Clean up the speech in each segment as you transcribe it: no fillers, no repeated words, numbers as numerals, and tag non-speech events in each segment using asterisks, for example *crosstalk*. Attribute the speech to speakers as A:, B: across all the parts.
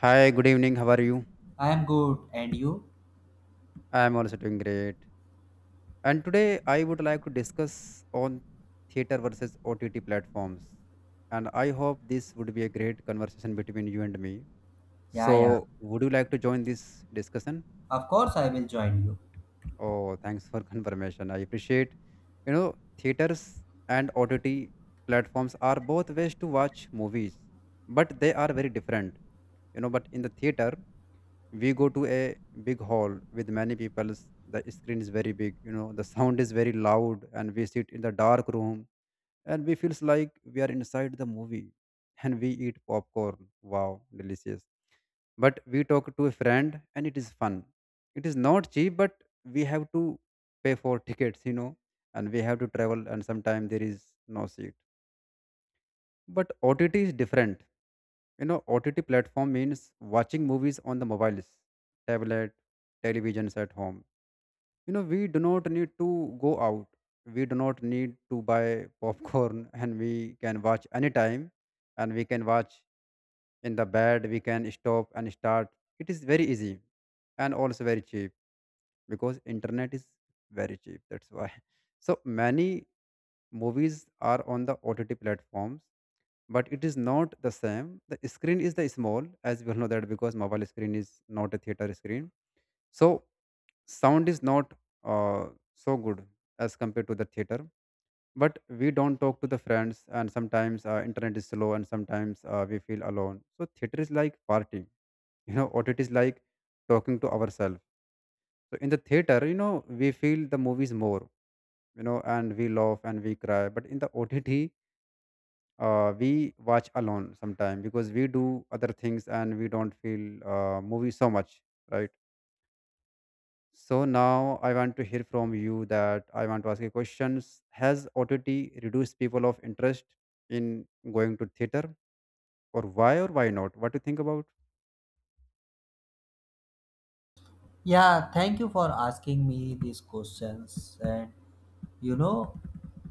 A: Hi, good evening. How are you?
B: I am good. And you?
A: I am also doing great. And today I would like to discuss on theater versus OTT platforms. And I hope this would be a great conversation between you and me.
B: Yeah, yeah.
A: So, would you like to join this discussion?
B: Of course, I will join you.
A: Oh, thanks for *laughs* confirmation. I appreciate. Theaters and OTT platforms are both ways to watch movies, but they are very different. But in the theater, we go to a big hall with many people. The screen is very big, the sound is very loud, and we sit in the dark room, and we feels like we are inside the movie, and we eat popcorn. Wow, delicious! But we talk to a friend, and it is fun. It is not cheap, but we have to pay for tickets. And we have to travel, and sometimes there is no seat. But OTT is different. OTT platform means watching movies on the mobiles, tablet, televisions at home. We do not need to go out. We do not need to buy popcorn *laughs* and we can watch anytime, and we can watch in the bed. We can stop and start. It is very easy, and also very cheap, because internet is very cheap. That's why. *laughs* So many movies are on the OTT platforms, but it is not the same. The screen is the small, as we all know that, because mobile screen is not a theater screen. So sound is not uh, so good as compared to the theater. But we don't talk to the friends, and sometimes internet is slow, and sometimes we feel alone. So theater is like party. You know what it is like? Talking to ourselves. So in the theater, we feel the movies more. And we laugh and we cry. But in the OTT, we watch alone sometime, because we do other things, and we don't feel movie so much, right? So now I want to hear from you, that I want to ask you questions. Has OTT reduced people of interest in going to theater? Or why, or why not? What do you think about?
B: Yeah, thank you for asking me these questions. And you know,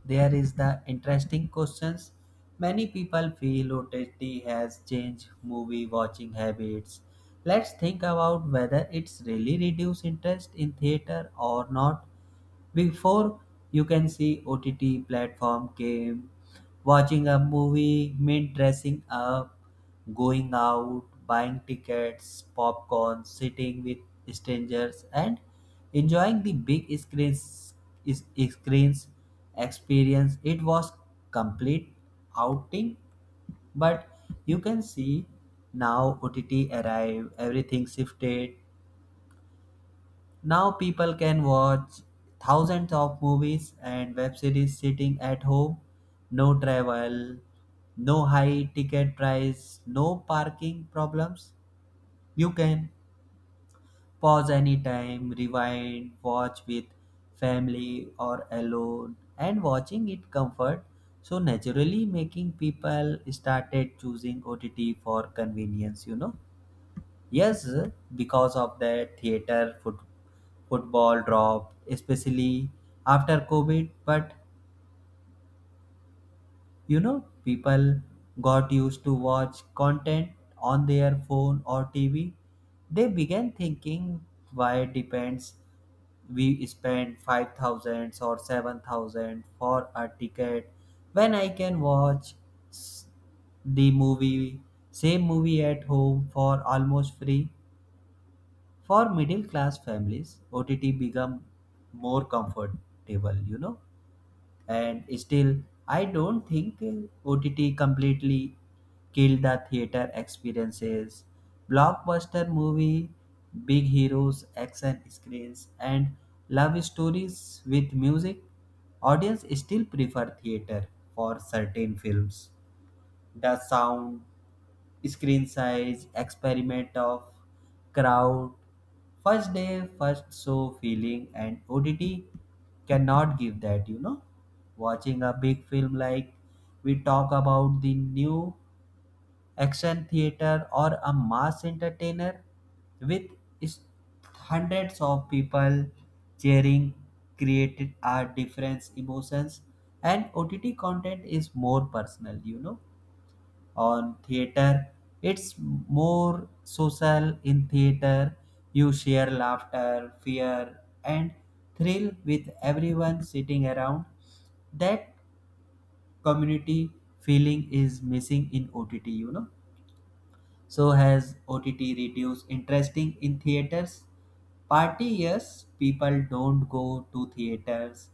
B: there is the interesting questions. Many people feel OTT has changed movie watching habits. Let's think about whether it's really reduced interest in theater or not. Before you can see OTT platform came, watching a movie meant dressing up, going out, buying tickets, popcorn, sitting with strangers, and enjoying the big screens. Is screens experience. It was complete outing but you can see now OTT arrived everything shifted now people can watch thousands of movies and web series sitting at home. No travel, no high ticket price, no parking problems. You can pause anytime, rewind, watch with family or alone and watching it comfort. So naturally making people started choosing OTT for convenience. Yes, because of that football dropped, especially after COVID. But people got used to watch content on their phone or TV. They began thinking why depends we spend 5,000 or 7,000 for a ticket when I can watch s- the movie same movie at home for almost free. For middle class families, OTT become more comfortable. And still, I don't think OTT completely killed the theater experiences. Blockbuster movie, big heroes, action screens, and love stories with music, audience still prefer theater for certain films. The sound, screen size, experiment of crowd, first day, first show feeling, and OTT cannot give that. Watching a big film like we talk about the new action theater or a mass entertainer with is- hundreds of people cheering created are different emotions and OTT content is more personal. On theater it's more social in theater you share laughter fear and thrill with everyone sitting around that community feeling is missing in OTT. So has OTT reduced interesting in theaters? Party yes, people don't go to theaters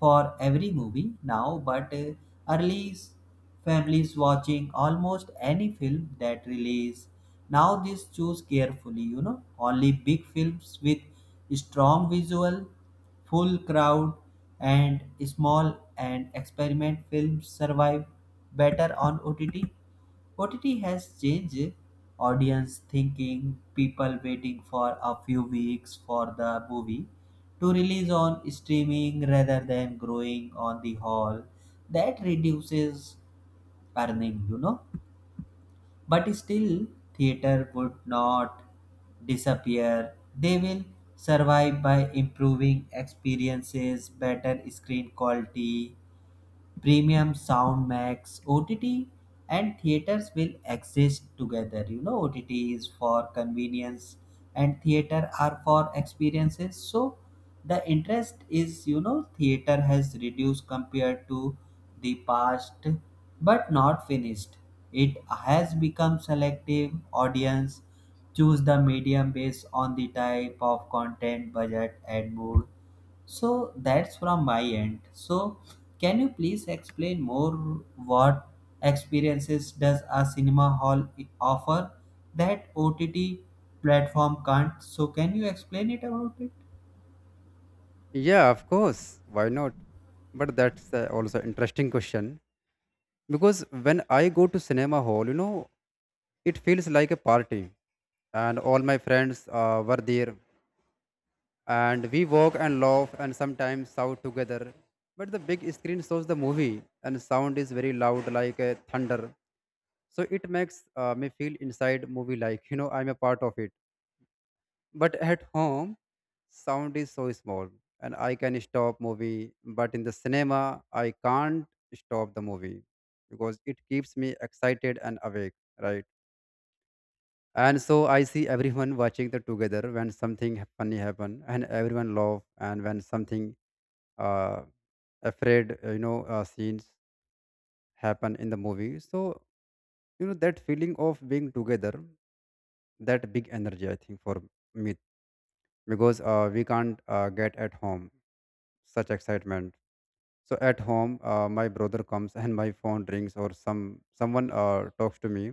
B: for every movie now, but early s- families watching almost any film that release. Now this choose carefully, only big films with strong visual, full crowd, and small and experiment films survive better on OTT. OTT has changed audience thinking, people waiting for a few weeks for the movie to release on streaming rather than growing on the hall. That reduces earning. But still, theater would not disappear. They will survive by improving experiences, better screen quality, premium sound max OTT and theaters will exist together. You know ott is for convenience and theater are for experiences so the interest is theater has reduced compared to the past but not finished it has become selective audience choose the medium based on the type of content budget and mood so that's from my end. So can you please explain more what experiences does a cinema hall offer that OTT platform can't? So can you explain it about it?
A: Yeah, of course, why not? But that's also interesting question, because when I go to cinema hall, it feels like a party, and all my friends were there, and we walk and laugh and sometimes shout together. But the big screen shows the movie, and sound is very loud, like a thunder. So it makes me feel inside movie, like I'm a part of it. But at home, sound is so small, and I can stop movie. But in the cinema, I can't stop the movie, because it keeps me excited and awake, right? And so I see everyone watching the together, when something funny happen, and everyone laugh, and when something uh, afraid you know scenes happen in the movie. So that feeling of being together, that big energy, I think, for me, because we can't get at home such excitement. So at home, my brother comes, and my phone rings, or someone talks to me.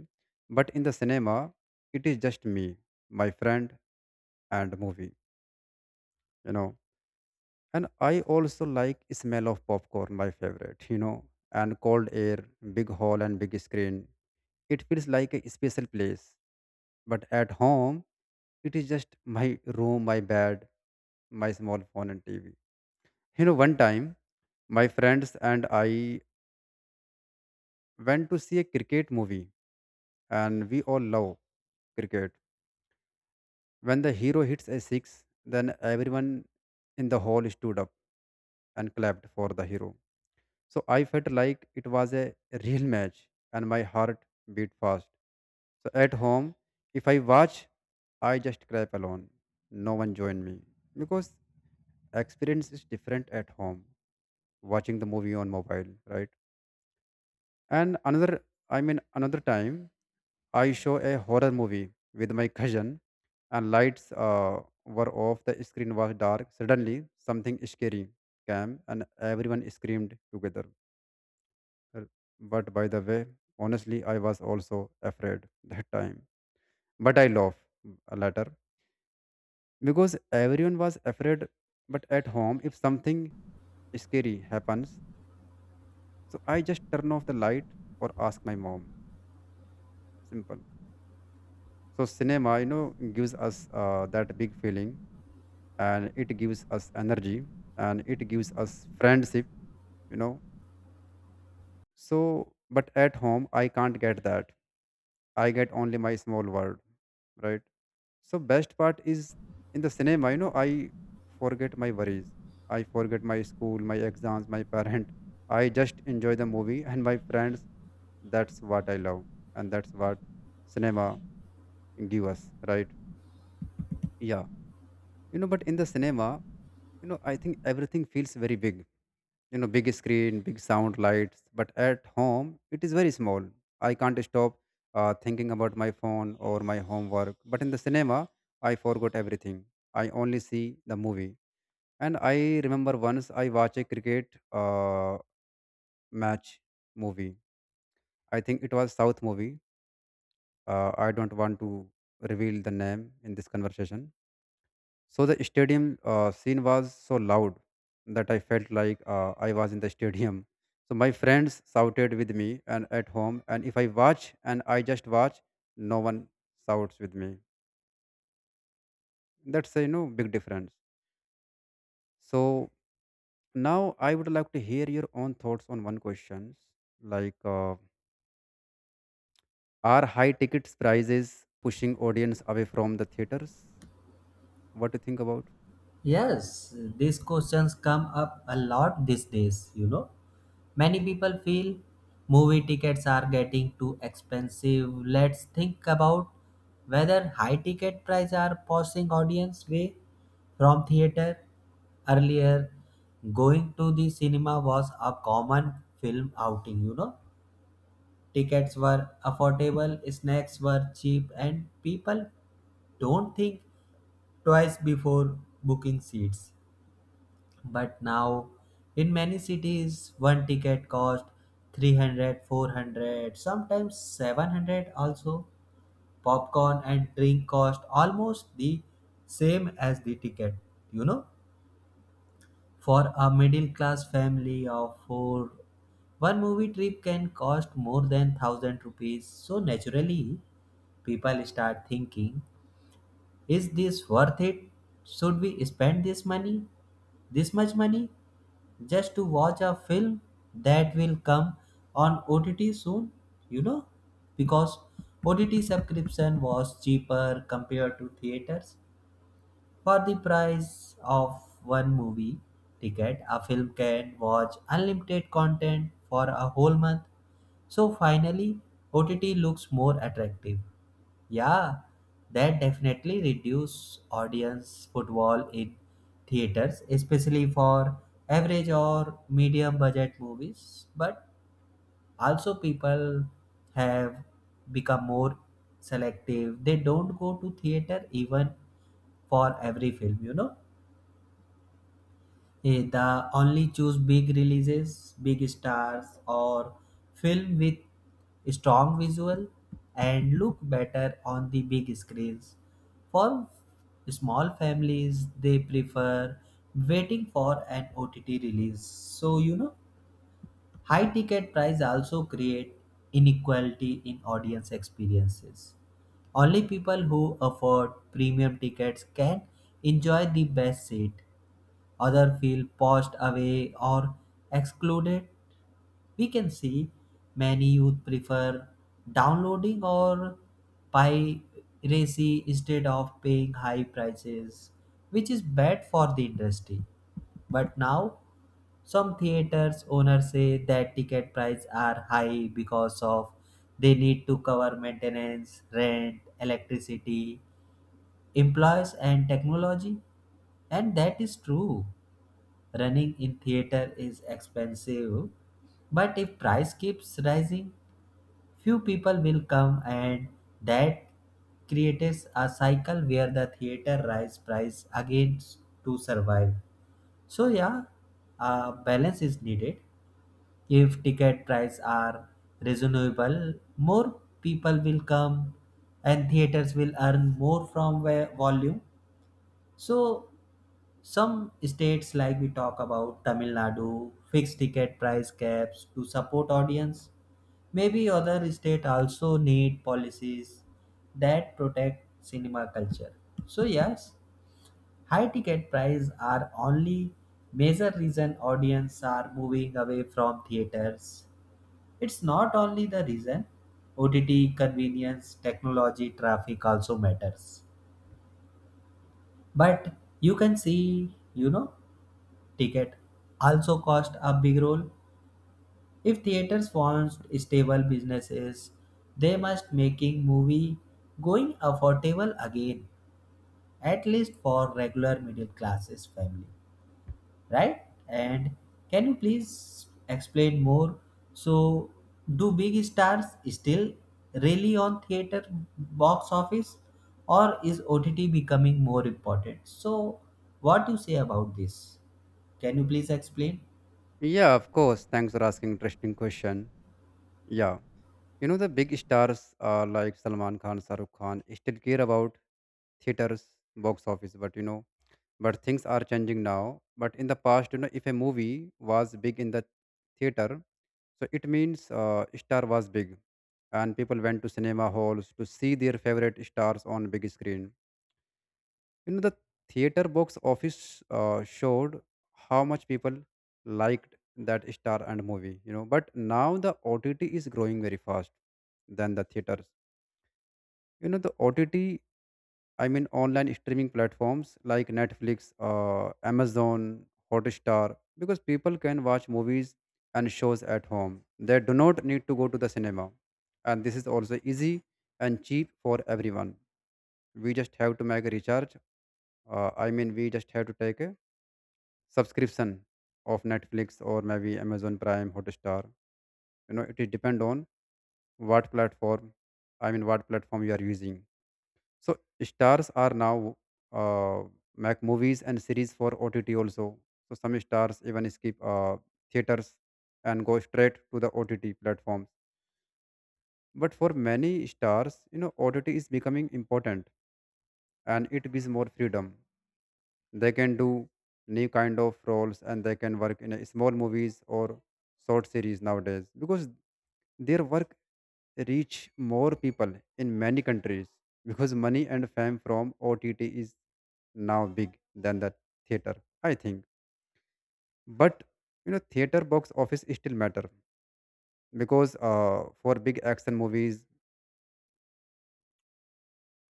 A: But in the cinema, it is just me, my friend, and movie. you know and I also like smell of popcorn, my favorite. And cold air, big hall, and big screen. It feels like a special place. But at home, it is just my room, my bed, my small phone, and TV. One time, my friends and I went to see a cricket movie, and we all love cricket. When the hero hits a six, then everyone in the hall stood up and clapped for the hero. So I felt like it was a real match, and my heart beat fast. So at home, if I watch, I just clap alone. No one join me, because experience is different at home watching the movie on mobile, right? And I mean, another time I show a horror movie with my cousin, and lights were off. The screen was dark. Suddenly, something scary came, and everyone screamed together. R- But by the way, honestly, I was also afraid that time. But I laugh later, because everyone was afraid. But at home, if something scary happens, so I just turn off the light or ask my mom. Simple. So cinema, gives us that big feeling, and it gives us energy, and it gives us friendship. You know. So, but at home, I can't get that. I get only my small world, right? So best part is, in the cinema, I forget my worries. I forget my school, my exams, my *laughs* parent. I just enjoy the movie and my friends. That's what I love. And that's what cinema give us, right? Yeah. But in the cinema, I think everything feels very big. Big screen, big sound, lights. But at home, it is very small. I can't stop thinking about my phone or my homework. But in the cinema, I forgot everything. I only see the movie. And I remember, once I watched a cricket uh, match movie. I think it was south movie. I don't want to reveal the name in this conversation. So the stadium scene was so loud, that I felt like I was in the stadium. So my friends shouted with me, and at home, and if I watch, and I just watch, no one shouts with me. That's a, big difference. So now I would like to hear your own thoughts on one question, like are high tickets prices pushing audience away from the theaters? What do you think about?
B: Yes, these questions come up a lot these days. Many people feel movie tickets are getting too expensive. Let's think about whether high ticket prices are pushing audience away from theater. Earlier, going to the cinema was a common film outing. Tickets were affordable, snacks were cheap, and people don't think twice before booking seats. But now, in many cities, one ticket costs 300, 400, sometimes 700 also. Popcorn and drink cost almost the same as the ticket, you know. For a middle class family of four, one movie trip can cost more than 1000 rupees. So naturally, people start thinking, is this worth it? Should we spend this money? This much money? Just to watch a film that will come on OTT soon, you know, because OTT subscription was cheaper compared to theaters. For the price of one movie ticket, a film can watch unlimited content for a whole month. So finally, OTT looks more attractive. Yeah, that definitely reduce audience footfall in theaters, especially for average or medium budget movies. But also people have become more selective they don't go to theater even for every film. They only choose big releases big stars or film with strong visual and look better on the big screens for small families they prefer waiting for an OTT release so high ticket price also create inequality in audience experiences. Only people who afford premium tickets can enjoy the best seat. Others feel pushed away or excluded. We can see many youth prefer downloading or piracy instead of paying high prices, which is bad for the industry. But now some theaters owners say that ticket prices are high because of they need to cover maintenance, rent, electricity, employees and technology. And that is true. Running in theater is expensive, but if price keeps rising, few people will come and that creates a cycle where the theater rise price again to survive. So yeah, a balance is needed. If ticket prices are reasonable, more people will come and theaters will earn more from volume. So some states like we talk about Tamil Nadu fix ticket price caps to support audience. Maybe other state also need policies that protect cinema culture. So yes, high ticket prices are only major reason audience are moving away from theaters it's not only the reason. OTT, convenience, technology, traffic also matters. But you can see, ticket also cost a big role. If theaters want stable businesses, they must making movie going affordable again, at least for regular middle classes family, right? And can you please explain more? So, do big stars still really on theater box office, or is OTT becoming more important? So, what you say about this? Can you please explain?
A: Yeah, of course. Thanks for asking interesting question. Yeah. The big stars like Salman Khan, Saruk Khan still care about theaters, box office, but things are changing now. But in the past, if a movie was big in the theater, so it means star was big, and people went to cinema halls to see their favorite stars on big screen. The theater box office showed how much people liked that star and movie. But now the OTT is growing very fast than the theaters. The OTT, I mean, online streaming platforms like Netflix, Amazon, Hotstar, because people can watch movies and shows at home. They do not need to go to the cinema, and this is also easy and cheap for everyone. We just have to make a recharge, I mean, we just have to take a subscription of Netflix, or maybe Amazon Prime, Hotstar. It is depend on what platform, I mean, what platform you are using. So stars are now uh, make movies and series for OTT also. So some stars even skip theaters and go straight to the OTT platforms. But for many stars, OTT is becoming important, and it gives more freedom. They can do new kind of roles, and they can work in a small movies or short series nowadays, because their work reach more people in many countries, because money and fame from OTT is now big than the theater, I think. But theater box office still matter, because for big action movies,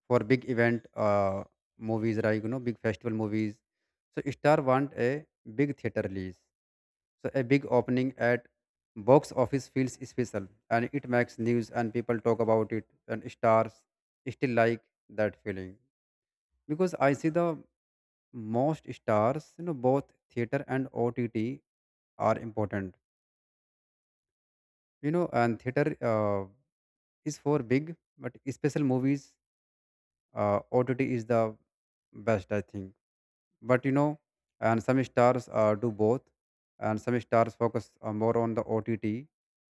A: for big event movies, right? Big festival movies. So star want a big theater release. So a big opening at box office feels special, and it makes news, and people talk about it, and stars still like that feeling. Because I see the most stars, both theater and OTT are important. And theater uh, is for big but special movies. OTT is the best, I think. But and some stars do both, and some stars focus more on the OTT.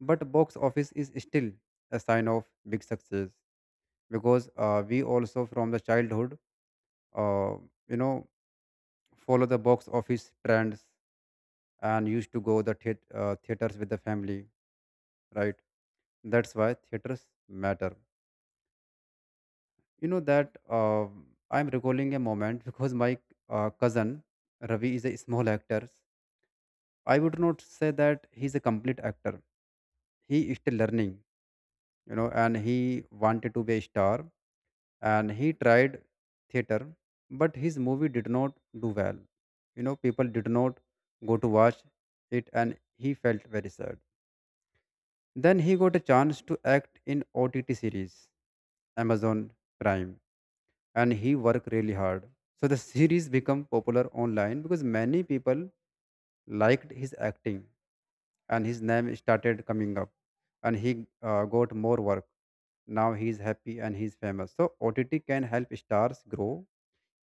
A: But box office is still a sign of big success, because we also from the childhood, uh, you know follow the box office trends, and used to go the theaters with the family, right? That's why theaters matter. You know that I'm recalling a moment, because my cousin Ravi is a small actor. I would not say that he's a complete actor. He is still learning, and he wanted to be a star, and he tried theater, but his movie did not do well. People did not go to watch it, and he felt very sad. Then he got a chance to act in OTT series, Amazon Prime, and he worked really hard. So the series became popular online, because many people liked his acting, and his name started coming up, and he got more work. Now he is happy and he is famous. So OTT can help stars grow.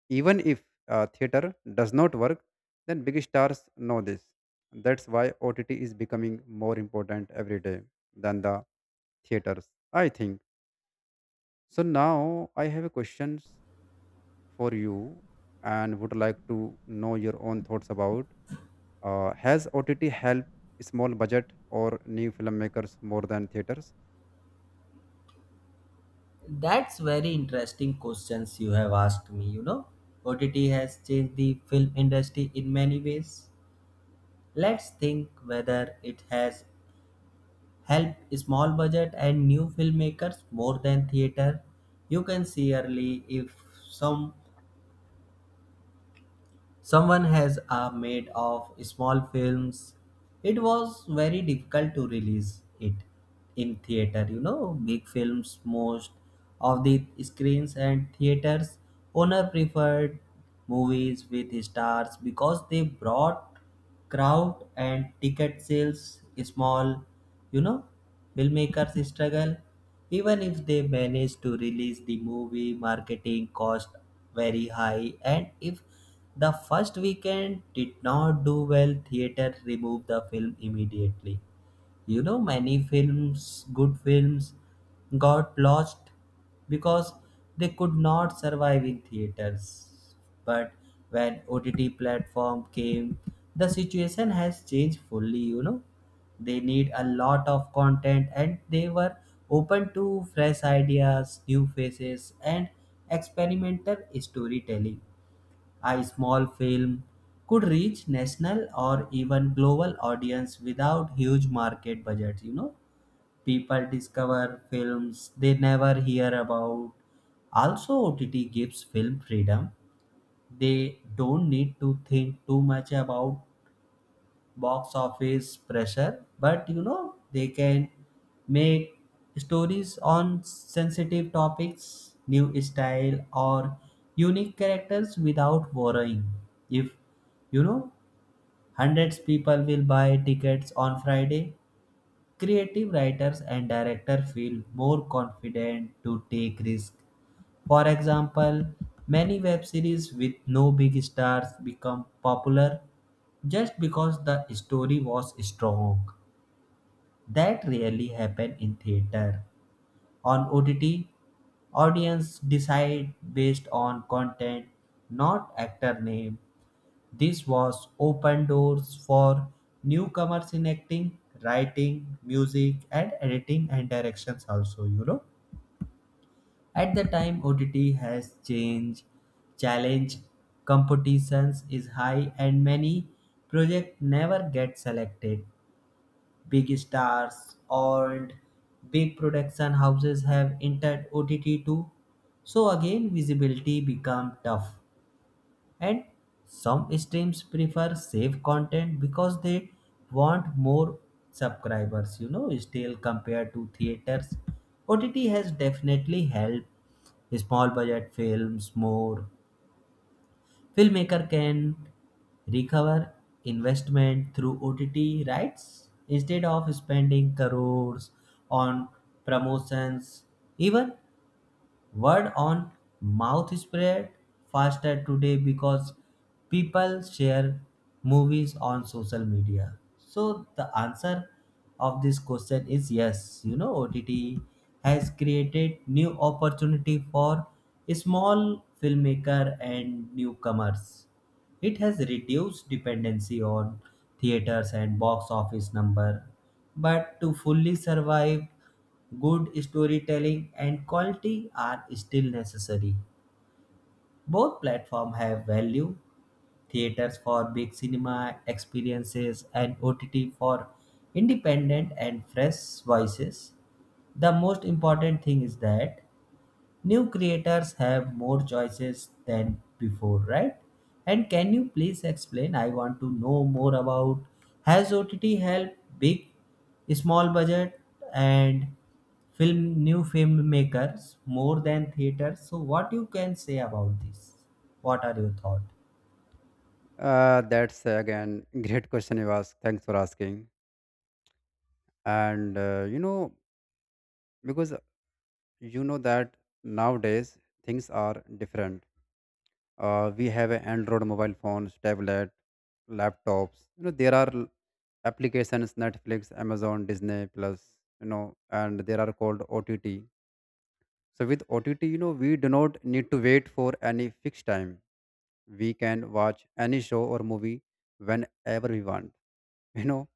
A: Even if theater does not work, then big stars know this. That's why OTT is becoming more important every day than the theaters, I think. So now I have a question for you and would like to know your own thoughts about. Has OTT helped small budget or new filmmakers more than theaters?
B: That's very interesting questions you have asked me. OTT has changed the film industry in many ways. Let's think whether it has help small budget and new filmmakers more than theater you can see early if some someone has a made of small films it was very difficult to release it in theater big films most of the screens and theaters owner preferred movies with stars because they brought crowd and ticket sales small you know filmmakers struggle even if they manage to release the movie marketing cost very high and if the first weekend did not do well theater remove the film immediately many films good films got lost because they could not survive in theaters but when OTT platform came the situation has changed fully they need a lot of content and they were open to fresh ideas new faces and experimental storytelling a small film could reach national or even global audience without huge market budgets. People discover films they never hear about. Also, OTT gives film freedom. They don't need to think too much about box office pressure, but they can make stories on sensitive topics, new style, or unique characters without worrying. If you know, hundreds people will buy tickets on Friday. Creative writers and director feel more confident to take risks. For example, many web series with no big stars become popular just because the story was strong. That rarely happened in theater. On OTT, audience decide based on content, not actor name. This was open doors for newcomers in acting, writing, music, and editing and directions also. At the time, OTT has changed, challenge, competitions is high, and many project never get selected big stars and big production houses have entered OTT too. So again visibility become tough and some streams prefer safe content because they want more subscribers, still compared to theaters. OTT has definitely helped small budget films more filmmaker can recover investment through OTT rights instead of spending crores on promotions. Even Word on mouth spread faster today because people share movies on social media. So the answer of this question is yes. OTT has created new opportunity for small filmmaker and newcomers. It has reduced dependency on theaters and box office number, but to fully survive good storytelling and quality are still necessary. Both platforms have value theaters for big cinema experiences and OTT for independent and fresh voices. The most important thing is that new creators have more choices than before right and can you please explain I want to know more about has OTT helped big small budget and film new filmmakers more than theaters so what you can say about this what are your thoughts.
A: That's again *laughs* great question you ask. Thanks for asking. And you know because you know that nowadays things are different. We have a Android mobile phones, tablet, laptops. You know there are applications Netflix, Amazon, Disney Plus. You know and there are called OTT. So with OTT, you know, we do not need to wait for any fixed time. We can watch any show or movie whenever we want, *laughs* you know,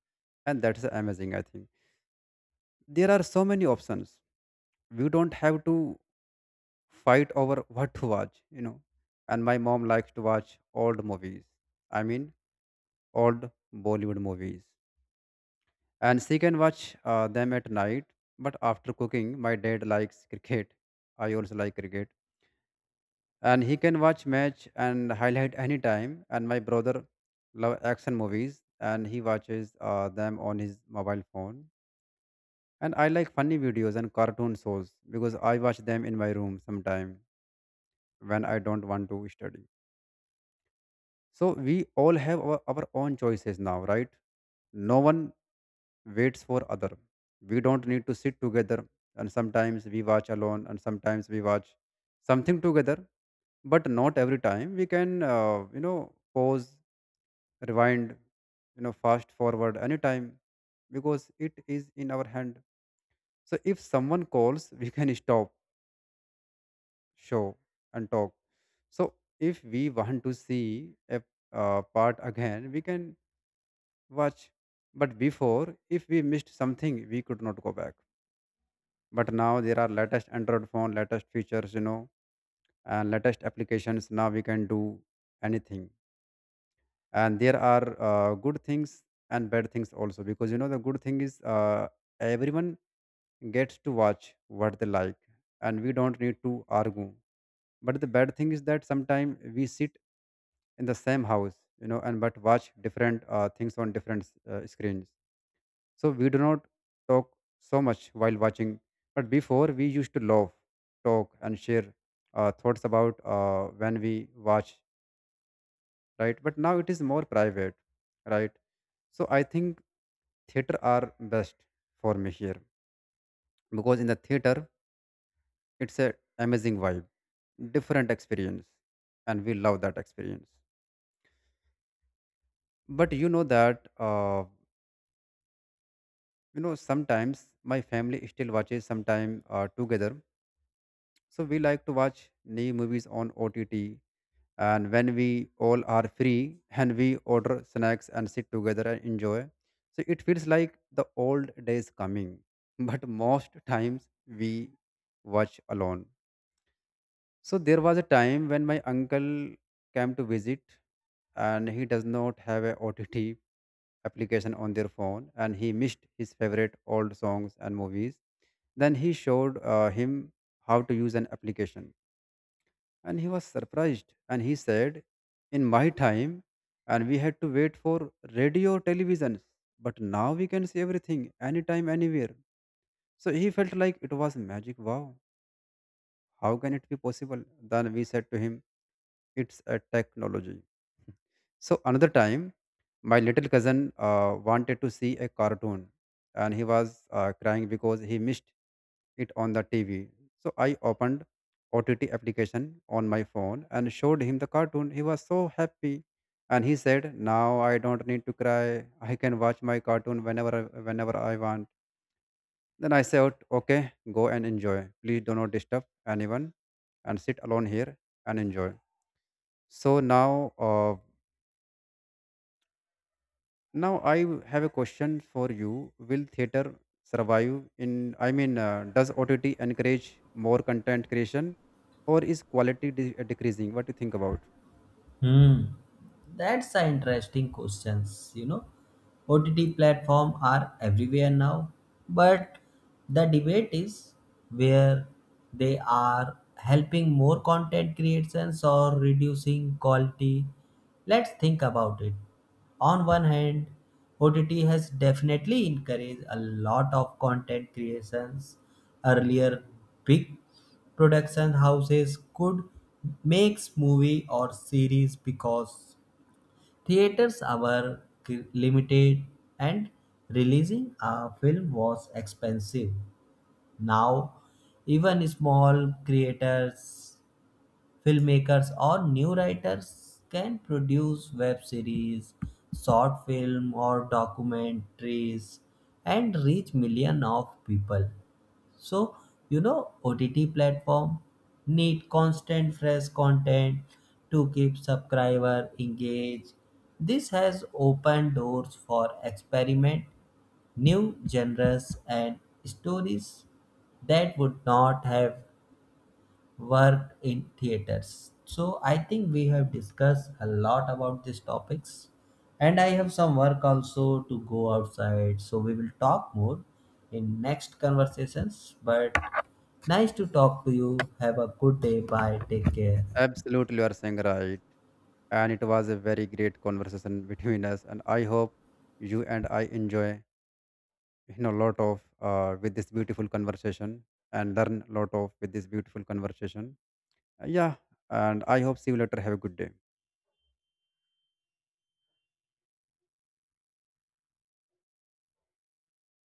A: and that's amazing, I think. There are so many options. We don't have to fight over *laughs* what to watch. And my mom likes to watch old movies. I mean, old Bollywood movies. And she can watch them at night. But after cooking, my dad likes *laughs* cricket. I also like cricket, and he can watch match and highlight anytime. And my brother love action movies, and he watches them on his mobile phone. And I like funny videos and cartoon shows because I watch them in my room sometime when I don't want to study. So we all have our own choices now, right? No one waits for other. We don't need to sit together, and sometimes we watch alone and sometimes we watch something together. But not every time, we can pause, rewind, you know, fast forward anytime because it is in our hand. So if someone calls, we can stop show and talk. So if we want to see a part again, we can watch. But before, if we missed something, we could not go back. But now there are latest android phone, latest features, you know, and latest applications. Now we can do anything. And there are good things and bad things also because, you know, the good thing is, everyone gets to watch what they like and we don't need to argue. But the bad thing is that sometimes we sit in the same house, you know, and but watch different things on different screens. So we do not talk so much while watching. But before, we used to laugh, talk and share thoughts about when we watch, right? But now it is more private, right? So I think theater are best for me here because in the theater, it's a amazing vibe, different experience, and we love that experience. But you know that sometimes my family still watches sometime together. So we like to watch new movies on OTT, and when we all are free, and we order snacks and sit together and enjoy. So it feels like the old days coming *laughs* but most times we watch alone. So there was a time when my uncle came to visit, and he does not have a OTT application on their phone, and he missed his favorite old songs and movies. Then he showed him how to use an application, and he was surprised. And he said, in my time, and we had to wait for radio televisions, but now we can see everything anytime anywhere. So he felt like it was magic. Wow, how can it be possible? Then we said to him, it's a technology. *laughs* So another time, my little cousin wanted to see a cartoon, and he was crying because he missed it on the TV. So I opened OTT application on my phone and showed him the cartoon. He was so happy, and he said, "Now I don't need to cry. I can watch my cartoon whenever whenever I want." Then I said, "Okay, go and enjoy. Please do not disturb anyone and sit alone here and enjoy." So now, uh, Now I have a question for you. Will theater survive in? I mean, does OTT encourage more content creation, or is quality decreasing? What do you think about?
B: Hmm. That's an interesting questions. OTT platform are everywhere now, but the debate is where they are helping more content creations or reducing quality. Let's think about it. On one hand, OTT has definitely encouraged a lot of content creations. Earlier, big production houses could make movie or series because theaters were limited and releasing a film was expensive. Now, even small creators, filmmakers, or new writers can produce web series, short film, or documentaries and reach millions of people. So, OTT platform need constant fresh content to keep subscriber engaged. This has opened doors for experiment, new genres and stories that would not have work in theaters. So I think we have discussed a lot about these topics and I have some work also to go outside. So we will talk more in next conversations but nice to talk to you. Have a good day. Bye. Take care.
A: Absolutely, you are saying right. And it was a very great conversation *laughs* between us. And I hope you and I enjoy, you know, lot of with this beautiful conversation and learn a lot of with this beautiful conversation. Yeah, and I hope see you later. Have a good day.